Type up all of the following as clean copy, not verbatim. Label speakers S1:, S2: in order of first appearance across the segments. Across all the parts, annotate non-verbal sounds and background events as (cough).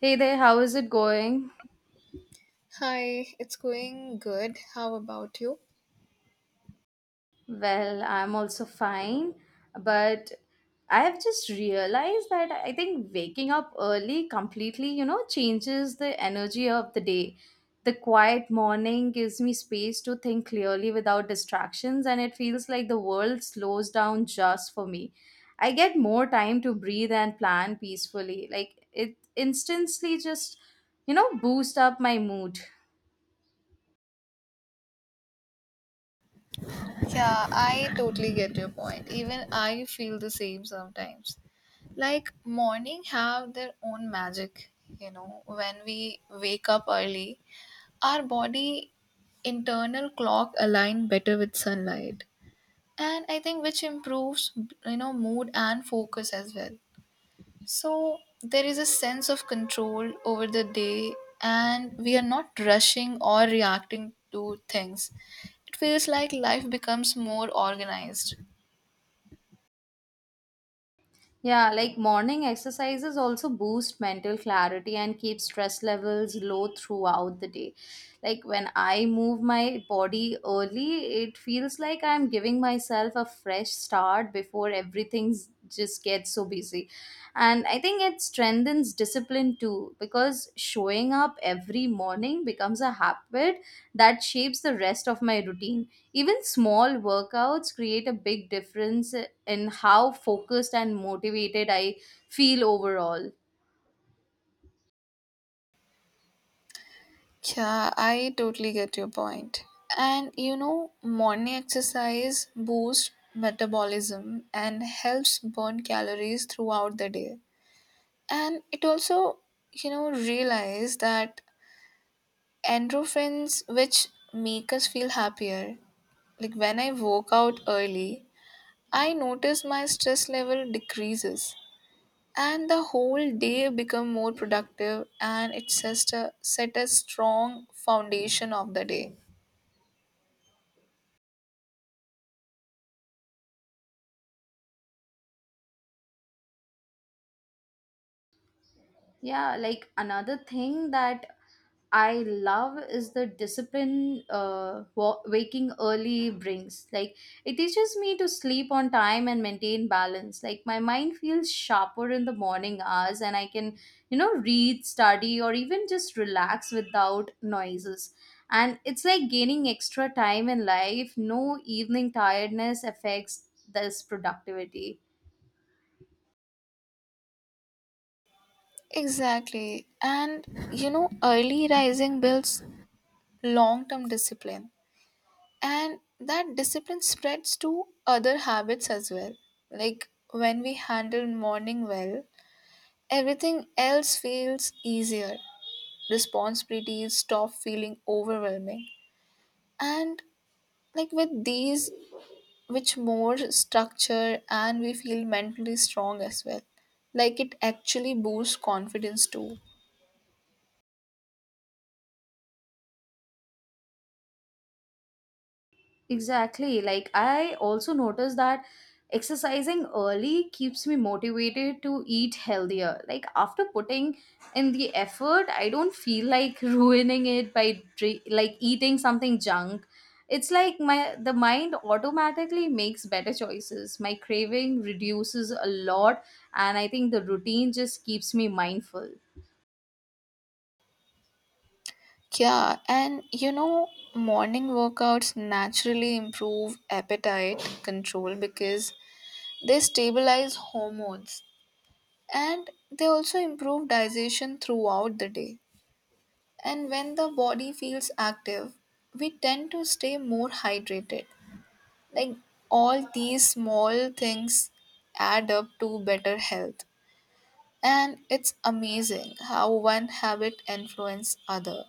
S1: Hey there, how is it going?
S2: Hi, it's going good. How about you?
S1: Well, I'm also fine, but I have just realized that I think waking up early completely, you know, changes the energy of the day. The quiet morning gives me space to think clearly without distractions, and it feels like the world slows down just for me. I get more time to breathe and plan peacefully. Like it instantly boost up my mood.
S2: Yeah, I totally get your point. Even I feel the same sometimes. Like morning have their own magic, when we wake up early, our body internal clock align better with sunlight. And I think which improves, mood and focus as well. So there is a sense of control over the day, and we are not rushing or reacting to things. It feels like life becomes more organized.
S1: Yeah, like morning exercises also boost mental clarity and keep stress levels low throughout the day. Like when I move my body early, it feels like I'm giving myself a fresh start before everything's just gets so busy, and I think it strengthens discipline too, because showing up every morning becomes a habit that shapes the rest of my routine. Even small workouts create a big difference in how focused and motivated I feel overall.
S2: Yeah, I totally get your point. And morning exercise boosts metabolism and helps burn calories throughout the day. And it also, realize that endorphins, which make us feel happier, like when I work out early, I notice my stress level decreases and the whole day become more productive and it sets a set a strong foundation of the day.
S1: Yeah, like another thing that I love is the discipline waking early brings. Like, it teaches me to sleep on time and maintain balance. Like, my mind feels sharper in the morning hours, and I can, you know, read, study, or even just relax without noises. And it's like gaining extra time in life. No evening tiredness affects this productivity.
S2: Exactly. And early rising builds long term discipline. And that discipline spreads to other habits as well. Like when we handle morning well, everything else feels easier. Responsibilities stop feeling overwhelming and like with these which more structure and we feel mentally strong as well, like it actually boosts confidence too.
S1: Exactly. Like I also noticed that exercising early keeps me motivated to eat healthier. Like after putting in the effort, I don't feel like (laughs) ruining it by eating something junk. It's like my the mind automatically makes better choices. My craving reduces a lot, and I think the routine just keeps me mindful.
S2: Yeah, and morning workouts naturally improve appetite control because they stabilize hormones and they also improve digestion throughout the day. And when the body feels active we tend to stay more hydrated. Like all these small things add up to better health. And it's amazing how one habit influences other.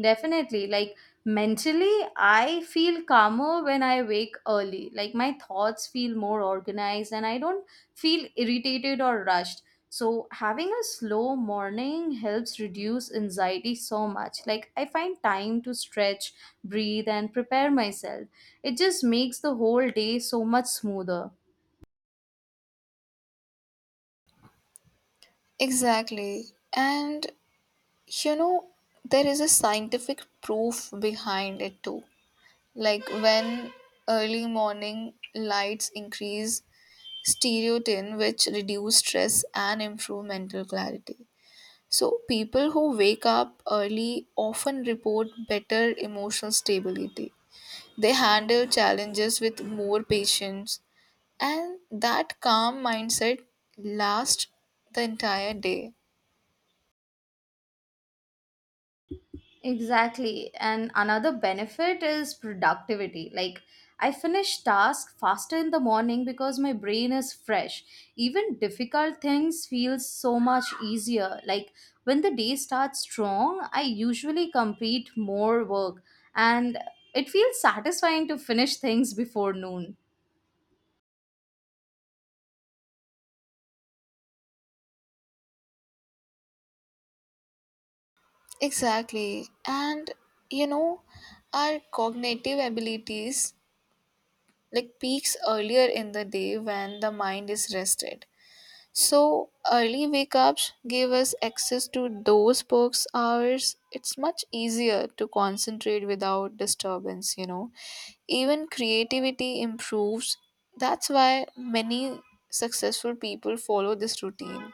S1: Definitely. Like mentally, I feel calmer when I wake early. Like my thoughts feel more organized and I don't feel irritated or rushed. So, having a slow morning helps reduce anxiety so much. Like, I find time to stretch, breathe, and prepare myself. It just makes the whole day so much smoother.
S2: Exactly. And you know, there is a scientific proof behind it too. Like when early morning lights increase stereotin, which reduce stress and improve mental clarity. So, people who wake up early often report better emotional stability. They handle challenges with more patience, and that calm mindset lasts the entire day.
S1: Exactly. And another benefit is productivity. Like, I finish tasks faster in the morning because my brain is fresh. Even difficult things feel so much easier. Like, when the day starts strong, I usually complete more work, and it feels satisfying to finish things before noon.
S2: Exactly. And you know, our cognitive abilities like peaks earlier in the day when the mind is rested. So early wake ups give us access to those perks hours. It's much easier to concentrate without disturbance. Even creativity improves. That's why many successful people follow this routine.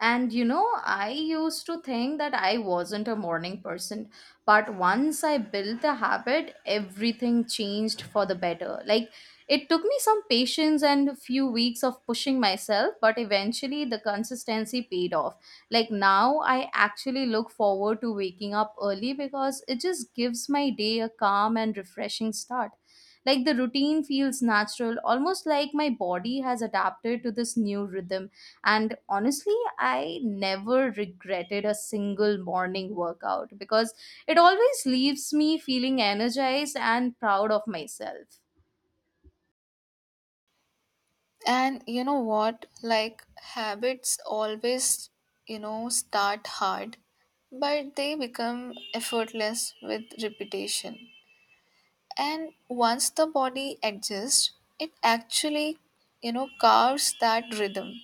S1: And you know, I used to think that I wasn't a morning person, but once I built the habit, everything changed for the better. Like, it took me some patience and a few weeks of pushing myself, but eventually the consistency paid off. Like, now I actually look forward to waking up early because it just gives my day a calm and refreshing start. Like, the routine feels natural, almost like my body has adapted to this new rhythm, and honestly, I never regretted a single morning workout because it always leaves me feeling energized and proud of myself.
S2: And you know what? Like habits always, start hard, but they become effortless with repetition. And once the body adjusts it actually carves that rhythm,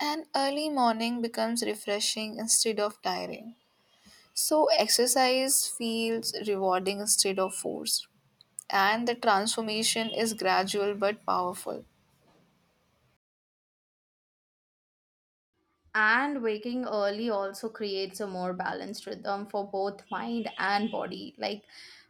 S2: and early morning becomes refreshing instead of tiring, so exercise feels rewarding instead of forced, and the transformation is gradual but powerful.
S1: And waking early also creates a more balanced rhythm for both mind and body. Like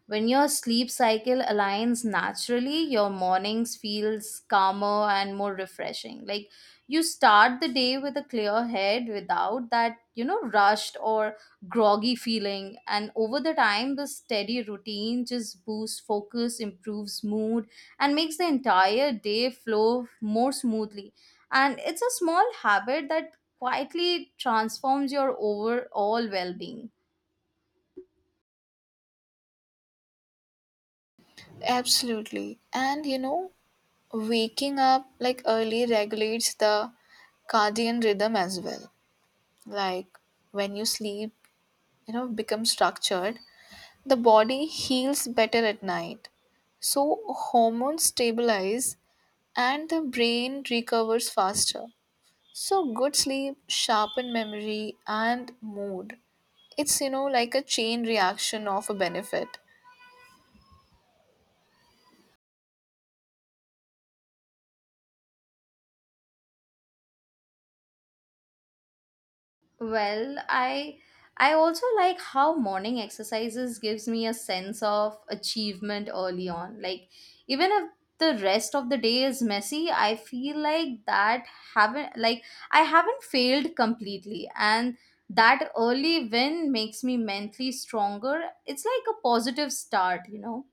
S1: when your sleep cycle aligns naturally, your mornings feels calmer and more refreshing. Like you start the day with a clear head without that, you know, rushed or groggy feeling. And over the time, the steady routine just boosts focus, improves mood, and makes the entire day flow more smoothly, and it's a small habit that quietly transforms your overall well-being.
S2: Absolutely. And waking up like early regulates the cardian rhythm as well. Like when you sleep becomes structured. The body heals better at night. So hormones stabilize and the brain recovers faster. So good sleep sharpen memory and mood. It's like a chain reaction of a benefit.
S1: Well, I also like how morning exercises gives me a sense of achievement early on. Like even if the rest of the day is messy, I feel like that haven't like I haven't failed completely, and that early win makes me mentally stronger. It's like a positive start, you know.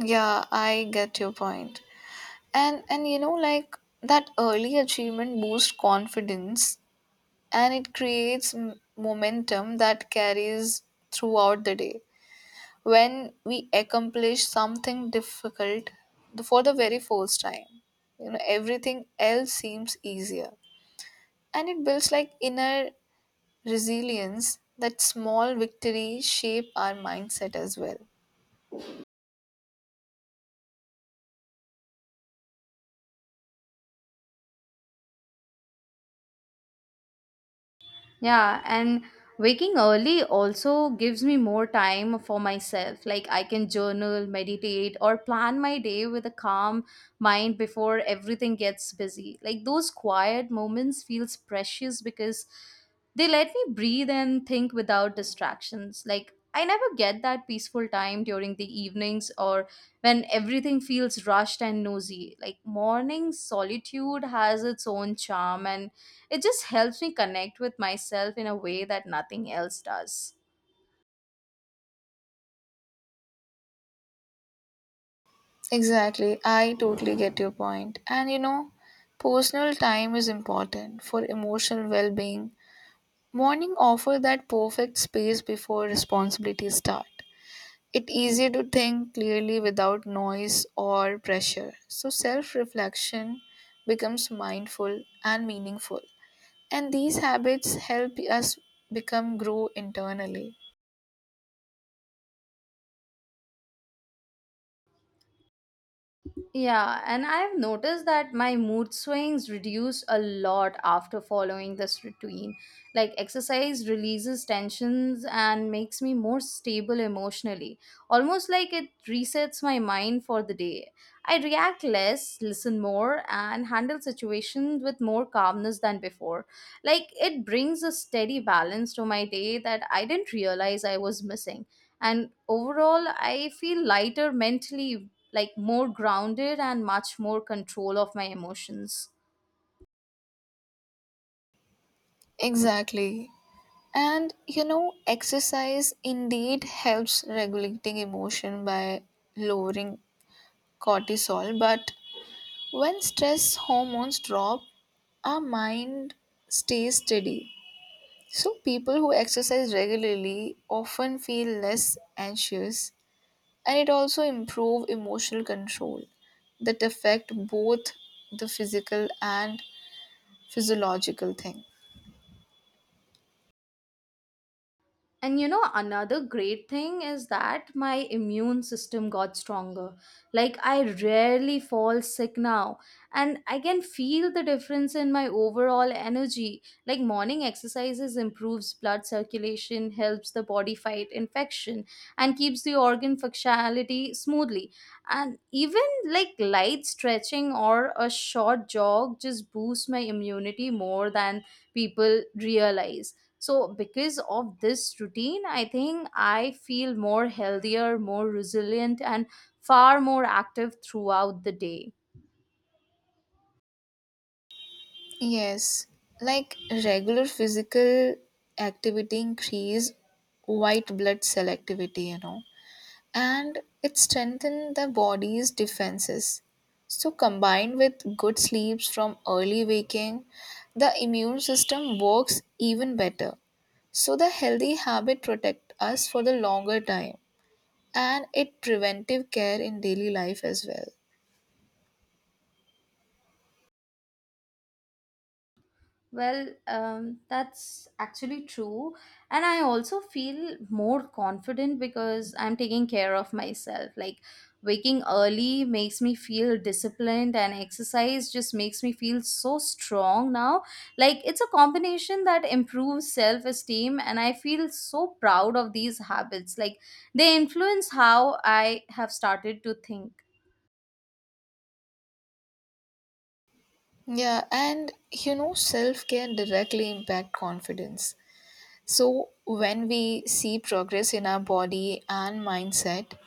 S2: Yeah, I get your point. And like that early achievement boosts confidence and it creates momentum that carries throughout the day. When we accomplish something difficult for the very first time, everything else seems easier and it builds like inner resilience, that small victories shape our mindset as well.
S1: Yeah, and waking early also gives me more time for myself. Like I can journal, meditate, or plan my day with a calm mind before everything gets busy. Like those quiet moments feels precious because they let me breathe and think without distractions. Like, I never get that peaceful time during the evenings or when everything feels rushed and nosy. Like, morning solitude has its own charm and it just helps me connect with myself in a way that nothing else does.
S2: Exactly, I totally get your point. And personal time is important for emotional well-being. Morning offer that perfect space before responsibilities start. It's easier to think clearly without noise or pressure. So self reflection becomes mindful and meaningful. And these habits help us become grow internally.
S1: Yeah, and I have noticed that my mood swings reduce a lot after following this routine. Like, exercise releases tensions and makes me more stable emotionally, almost like it resets my mind for the day. I react less, listen more, and handle situations with more calmness than before. Like, it brings a steady balance to my day that I didn't realize I was missing, and overall I feel lighter mentally, like more grounded and much more control of my emotions.
S2: Exactly. And exercise indeed helps regulating emotion by lowering cortisol, but when stress hormones drop, our mind stays steady. So, people who exercise regularly often feel less anxious and it also improves emotional control that affect both the physical and physiological thing.
S1: And you know, another great thing is that my immune system got stronger. Like, I rarely fall sick now, and I can feel the difference in my overall energy. Like, morning exercises improves blood circulation, helps the body fight infection, and keeps the organ functionality smoothly. And even like light stretching or a short jog just boosts my immunity more than people realize. So because of this routine, I think I feel more healthier, more resilient, and far more active throughout the day.
S2: Yes, like regular physical activity increase white blood cell activity, and it strengthens the body's defenses. So, combined with good sleeps from early waking, the immune system works even better. So, the healthy habit protect us for the longer time and it preventive care in daily life as well.
S1: Well, that's actually true. And I also feel more confident because I'm taking care of myself. Like, waking early makes me feel disciplined, and exercise just makes me feel so strong now. Like, it's a combination that improves self esteem, and I feel so proud of these habits. Like, they influence how I have started to think.
S2: Yeah, and self care directly impact confidence. So when we see progress in our body and mindset,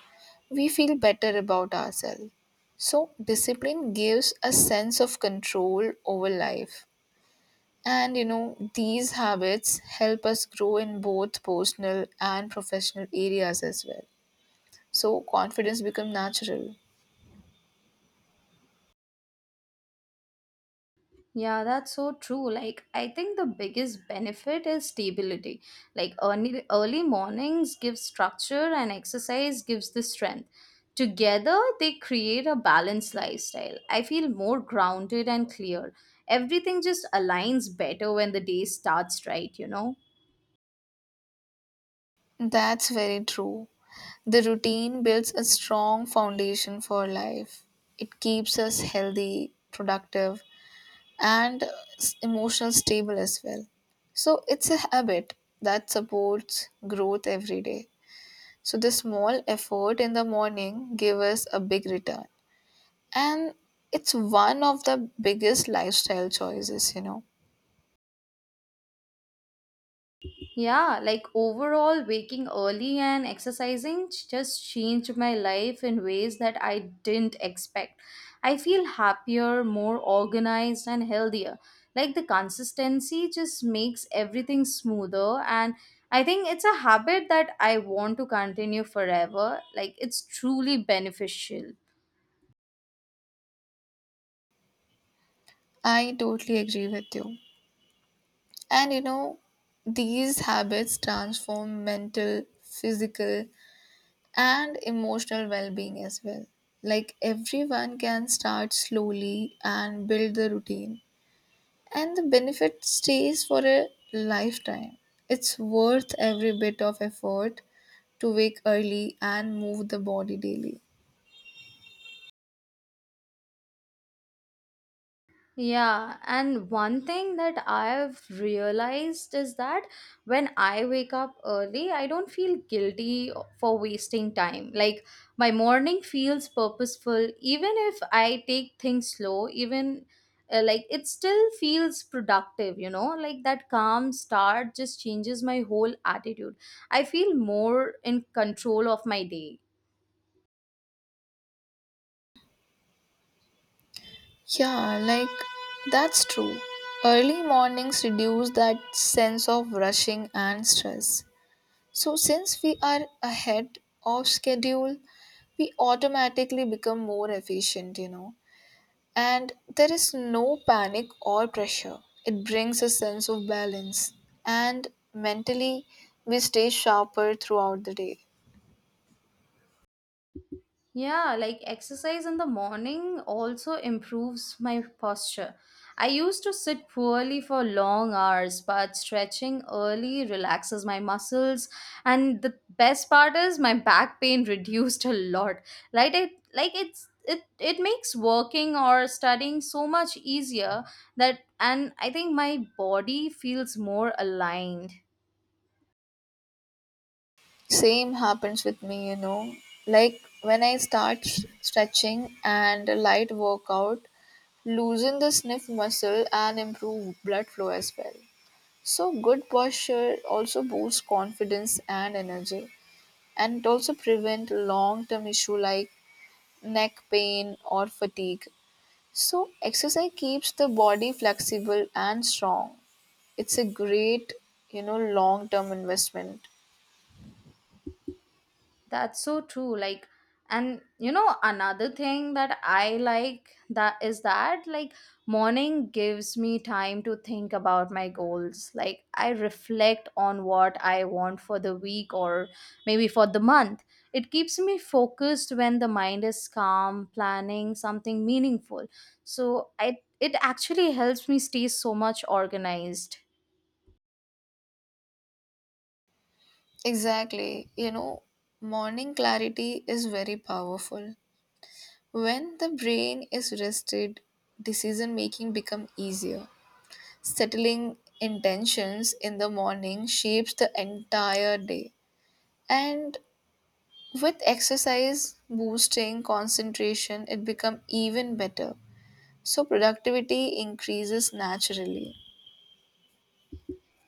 S2: we feel better about ourselves. So, discipline gives a sense of control over life. And these habits help us grow in both personal and professional areas as well. So, confidence becomes natural.
S1: Yeah, that's so true. Like, I think the biggest benefit is stability. Like, early mornings give structure, and exercise gives the strength. Together, they create a balanced lifestyle. I feel more grounded and clear. Everything just aligns better when the day starts right, you know?
S2: That's very true. The routine builds a strong foundation for life, it keeps us healthy, productive, and emotional stable as well. So it's a habit that supports growth every day. So the small effort in the morning give us a big return. And it's one of the biggest lifestyle choices.
S1: Yeah, like overall, waking early and exercising just changed my life in ways that I didn't expect. I feel happier, more organized, and healthier. Like the consistency just makes everything smoother, and I think it's a habit that I want to continue forever. Like it's truly beneficial.
S2: I totally agree with you. And these habits transform mental, physical, and emotional well being as well. Like everyone can start slowly and build the routine. And the benefit stays for a lifetime. It's worth every bit of effort to wake early and move the body daily.
S1: Yeah, and one thing that I've realized is that when I wake up early, I don't feel guilty for wasting time. Like my morning feels purposeful, even if I take things slow, even like it still feels productive, you know? Like that calm start just changes my whole attitude. I feel more in control of my day.
S2: Yeah, like that's true. Early mornings reduce that sense of rushing and stress. So, since we are ahead of schedule, we automatically become more efficient. And there is no panic or pressure. It brings a sense of balance. And mentally, we stay sharper throughout the day.
S1: Yeah, like exercise in the morning also improves my posture. I used to sit poorly for long hours, but stretching early relaxes my muscles. And the best part is my back pain (laughs) reduced a lot. Like it, like it's it it makes working or studying so much easier, that and I think my body feels more aligned.
S2: Same happens with me. Like when I start stretching and a light workout, loosen the sniff muscle and improve blood flow as well. So, good posture also boosts confidence and energy, and it also prevent long term issue like neck pain or fatigue. So, exercise keeps the body flexible and strong. It's a great, long term investment.
S1: That's so true. Like, and you know, another thing that I like that is that like morning gives me time to think about my goals. Like, I reflect on what I want for the week or maybe for the month. It keeps me focused when the mind is calm, planning something meaningful. So I It actually helps me stay so much organized.
S2: Exactly. Morning clarity is very powerful. When the brain is rested, decision making become easier. Settling intentions in the morning shapes the entire day. And with exercise boosting concentration, it become even better. So productivity increases naturally.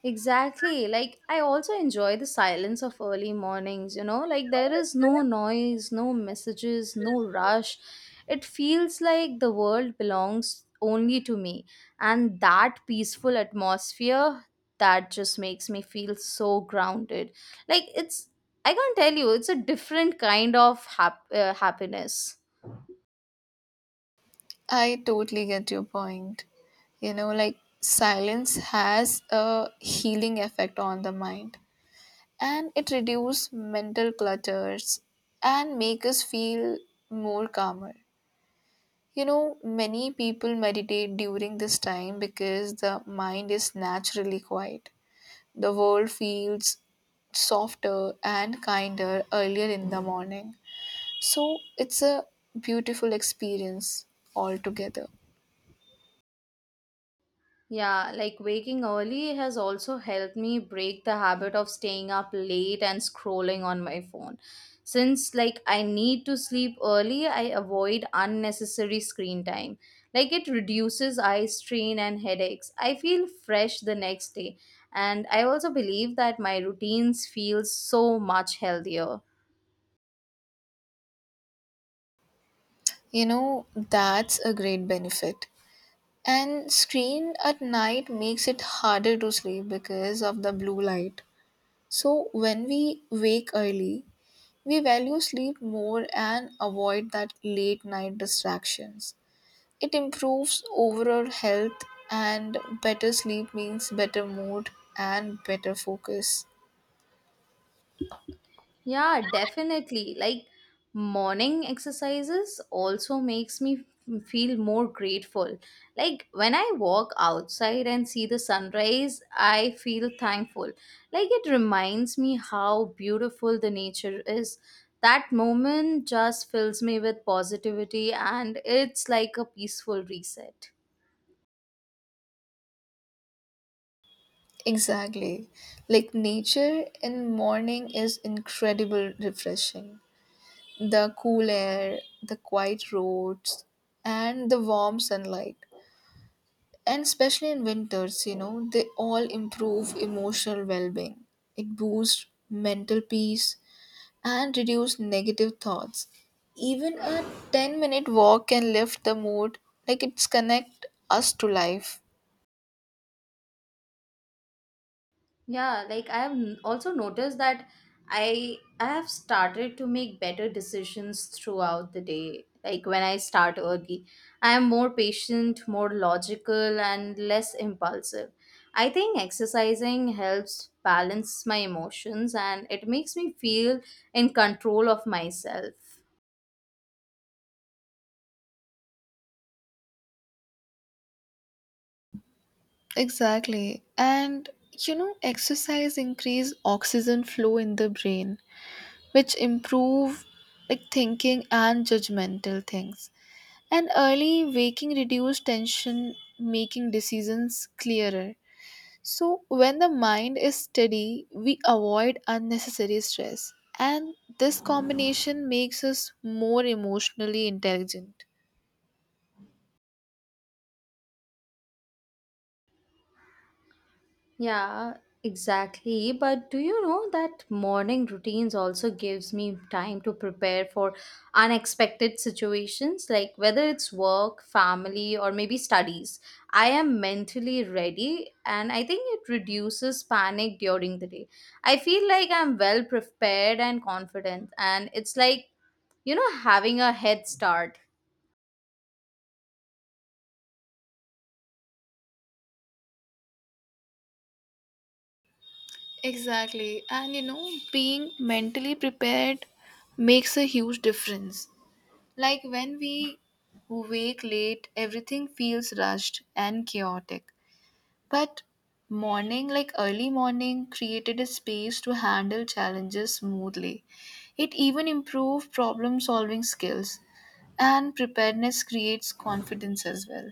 S1: Exactly. Like, I also enjoy the silence of early mornings, you know? Like, there is no noise, no messages, no rush. It feels like the world belongs only to me. And that peaceful atmosphere, that just makes me feel so grounded. Like, I can't tell you, it's a different kind of happiness.
S2: I totally get your point. Like silence has a healing effect on the mind and it reduces mental clutters and make us feel more calmer. Many people meditate during this time because the mind is naturally quiet. The world feels softer and kinder earlier in the morning. So it's a beautiful experience altogether.
S1: Yeah, like waking early has also helped me break the habit of staying up late and scrolling on my phone. Since like I need to sleep early, I avoid unnecessary screen time. Like it reduces eye strain and headaches. I feel fresh the next day, and I also believe that my routines feel so much healthier.
S2: That's a great benefit. And screen at night makes it harder to sleep because of the blue light. So when we wake early, we value sleep more and avoid that late night distractions. It improves overall health and better sleep means better mood and better focus.
S1: Yeah, definitely. Like morning exercises also makes me feel more grateful. Like when I walk outside and see the sunrise, I feel thankful. Like it reminds me how beautiful the nature is. That moment just fills me with positivity, and it's like a peaceful reset.
S2: Exactly. Like nature in morning is incredible refreshing. The cool air, the quiet roads, and the warm sunlight. And especially in winters, they all improve emotional well being. It boosts mental peace and reduce negative thoughts. Even a 10-minute walk can lift the mood, like it's connect us to life.
S1: Yeah, like I have also noticed that I have started to make better decisions throughout the day. Like when I start early, I am more patient, more logical, and less impulsive. I think exercising helps balance my emotions and it makes me feel in control of myself.
S2: Exactly. And exercise increase oxygen flow in the brain, which improve like thinking and judgmental things. And early waking reduce tension, making decisions clearer. So when the mind is steady, we avoid unnecessary stress. And this combination makes us more emotionally intelligent.
S1: Yeah, exactly. But do you know that morning routines also gives me time to prepare for unexpected situations, like whether it's work, family, or maybe studies. I am mentally ready, and I think it reduces panic during the day. I feel like I'm well prepared and confident, and it's like, you know, having a head start.
S2: Exactly. And being mentally prepared makes a huge difference. Like when we wake late, everything feels rushed and chaotic. But morning, like early morning, created a space to handle challenges smoothly. It even improved problem solving skills, and preparedness creates confidence as well.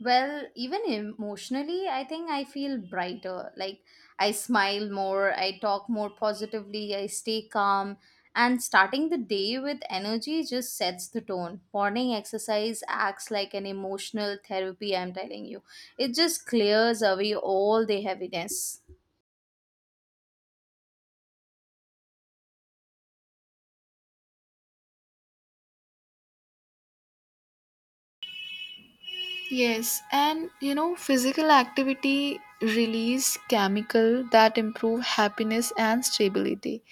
S1: Well, even emotionally, I think I feel brighter. Like I smile more, I talk more positively, I stay calm, and starting the day with energy just sets the tone. Morning exercise acts like an emotional therapy, I'm telling you. It just clears away all the heaviness.
S2: Yes, and physical activity release chemical that improve happiness and stability.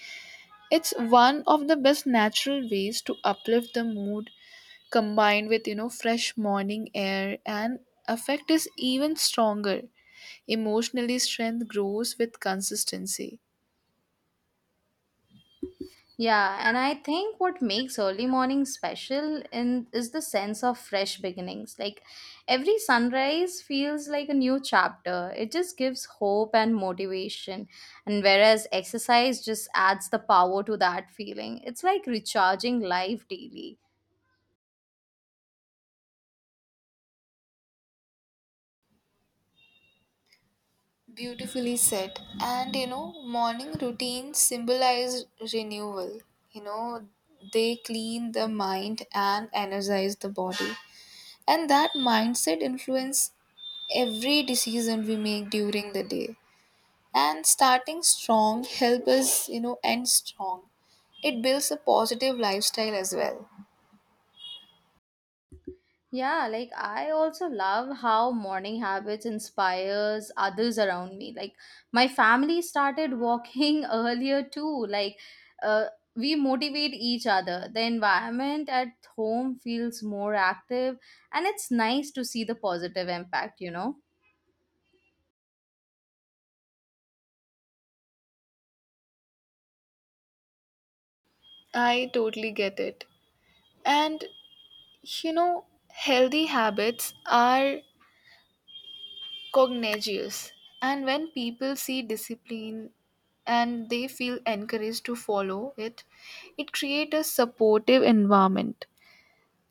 S2: It's one of the best natural ways to uplift the mood combined with, fresh morning air and effect is even stronger. Emotionally strength grows with consistency.
S1: Yeah, and I think what makes early morning special in is the sense of fresh beginnings. Like every sunrise feels like a new chapter. It just gives hope and motivation. And whereas exercise just adds the power to that feeling. It's like recharging life daily.
S2: Beautifully said. And morning routines symbolize renewal. You know, they clean the mind and energize the body. And that mindset influence every decision we make during the day. And starting strong help us, end strong. It builds a positive lifestyle as well.
S1: Yeah, like I also love how morning habits inspires others around me. Like my family started walking (laughs) earlier too. Like uh, we motivate each other. The environment at home feels more active, and it's nice to see the positive impact, you know.
S2: I totally get it. And healthy habits are Cognitives. And when people see discipline and they feel encouraged to follow it, it creates a supportive environment.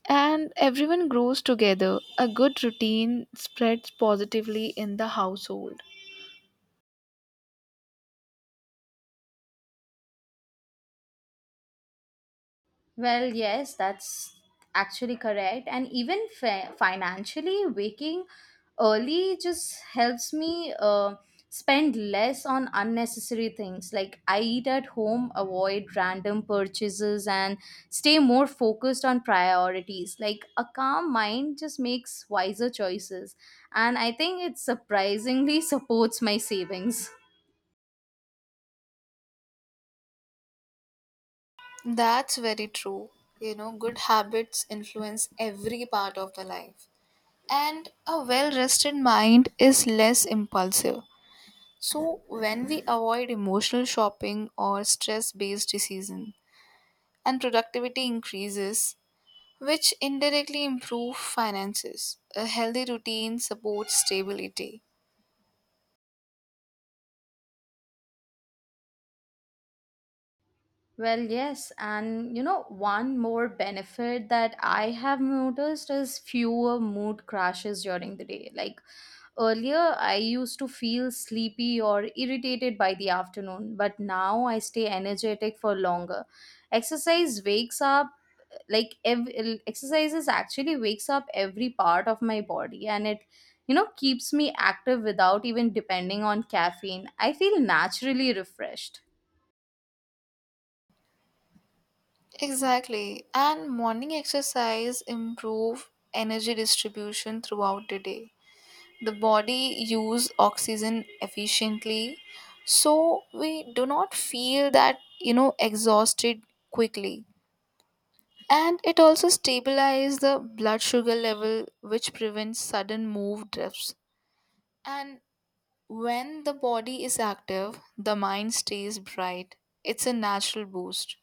S2: And everyone grows together. A good routine spreads positively in the household.
S1: Well, yes, that's actually correct. And even financially, waking early just helps me spend less on unnecessary things. Like, I eat at home, avoid random purchases, and stay more focused on priorities. Like, a calm mind just makes wiser choices. And I think it surprisingly (laughs) supports my savings.
S2: That's very true. Good habits influence every part of the life. And a well rested mind is less impulsive. So, when we avoid emotional shopping or stress based decision. And productivity increases, which indirectly improve finances. A healthy routine supports stability.
S1: Well, yes, and you know, one more benefit that I have noticed is fewer mood crashes during the day. Like earlier, I used to feel sleepy or irritated by the afternoon, but now I stay energetic for longer. Exercise wakes up Exercises actually wakes up every part of my body, and it, you know, keeps me active without even depending on caffeine. I feel naturally refreshed.
S2: Exactly. And morning exercise improve energy distribution throughout the day. The body use oxygen efficiently so we do not feel that exhausted quickly. And it also stabilizes the blood sugar level which prevents sudden move drifts. And when the body is active, the mind stays bright. It's a natural boost.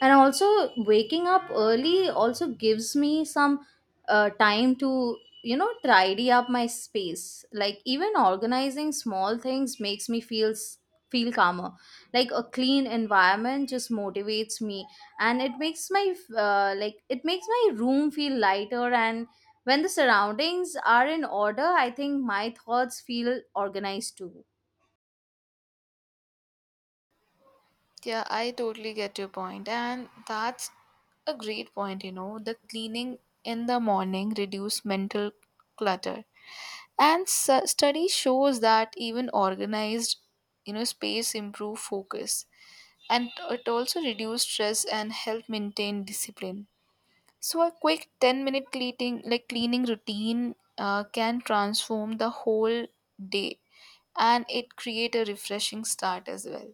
S1: And also, waking up early also gives me some time to, you know, tidy up my space. Like even organizing small things makes me feel feel calmer. Like a clean environment just motivates me, and it makes my room feel lighter, and when the surroundings are in order, I think my thoughts feel organized too.
S2: Yeah, I totally get your point, and that's a great point. The cleaning in the morning reduce mental clutter, and study shows that even organized, space improve focus, and it also reduce stress and help maintain discipline. So a quick 10-minute cleaning like cleaning routine can transform the whole day and it create a refreshing start as well.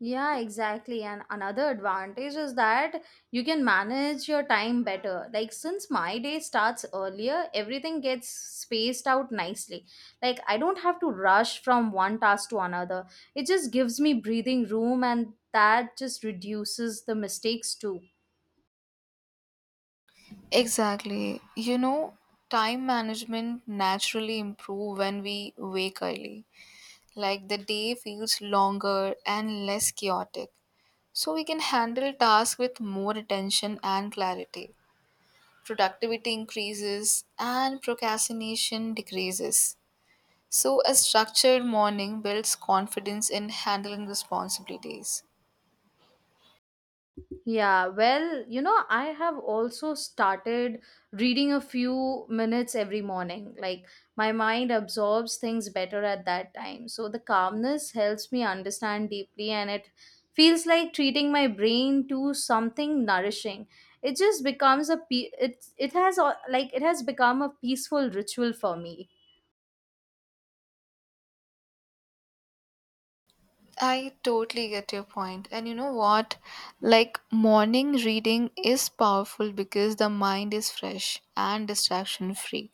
S1: Yeah, exactly. And another advantage is that you can manage your time better. Like, since my day starts earlier, everything gets spaced out nicely. Like, I don't have to rush from one task to another. It just gives me breathing room, and that just reduces the mistakes too.
S2: Exactly. Time management naturally improve when we wake early. Like the day feels longer and less chaotic. So we can handle tasks with more attention and clarity. Productivity increases and procrastination decreases. So, a structured morning builds confidence in handling responsibilities.
S1: Yeah, well, you know, I have also started reading a few minutes every morning. Like, my mind absorbs things better at that time. So, the calmness helps me understand deeply, and it feels like treating my brain to something nourishing. It just becomes a pe- it has a- like it has become a peaceful ritual for me.
S2: I totally get your point. And you know what? Like, morning reading is powerful because the mind is fresh and distraction free.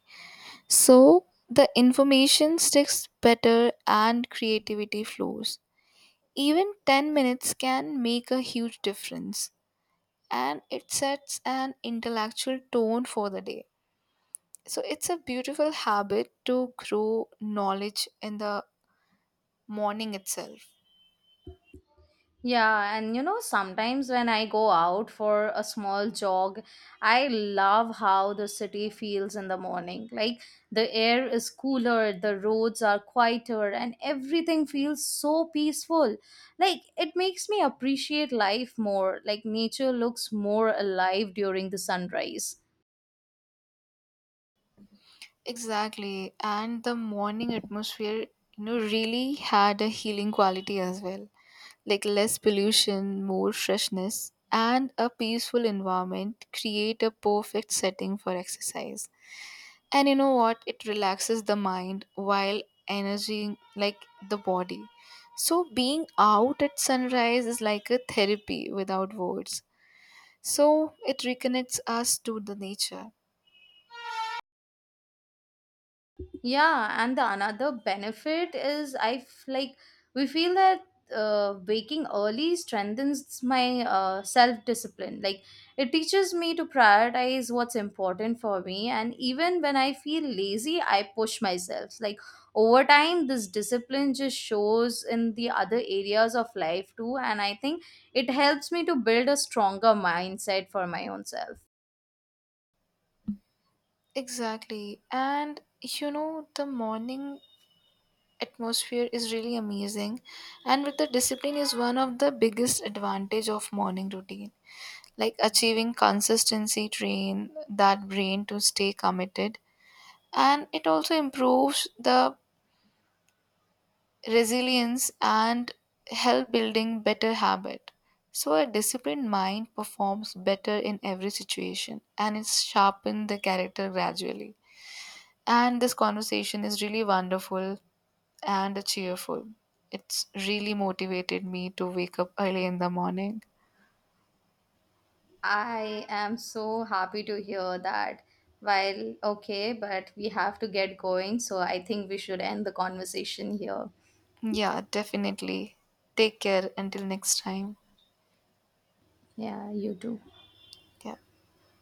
S2: So, the information sticks better and creativity flows. Even 10 minutes can make a huge difference, and it sets an intellectual tone for the day. So it's a beautiful habit to grow knowledge in the morning itself.
S1: Yeah, and you know, sometimes when I go out for a small jog, I love how the city feels in the morning. Like the air is cooler, the roads are quieter, and everything feels so peaceful. Like it makes me appreciate life more. Like nature looks more alive during the sunrise.
S2: Exactly. And the morning atmosphere, really had a healing quality as well. Like less pollution, more freshness, and a peaceful environment create a perfect setting for exercise. And you know what? It relaxes the mind while energizing like the body. So being out at sunrise is like a therapy without words, so it reconnects us to the nature.
S1: Yeah, and the another benefit is I f- like we feel that waking early strengthens my self discipline. Like it teaches me to prioritize what's important for me, and even when I feel lazy, I push myself. Like over time, this discipline just shows in the other areas of life too, and I think it helps me to build a stronger mindset for my own self.
S2: Exactly. And the morning atmosphere is really amazing. And with the discipline is one of the biggest advantage of morning routine. Like achieving consistency train that brain to stay committed. And it also improves the resilience and help building better habit, so a disciplined mind performs better in every situation and it's sharpened the character gradually. And this conversation is really wonderful and cheerful. It's really motivated me to wake up early in the morning.
S1: I am so happy to hear that. While okay, but we have to get going, so I think we should end the conversation here.
S2: Yeah, definitely. Take care until next time.
S1: Yeah, you too.
S2: Yeah.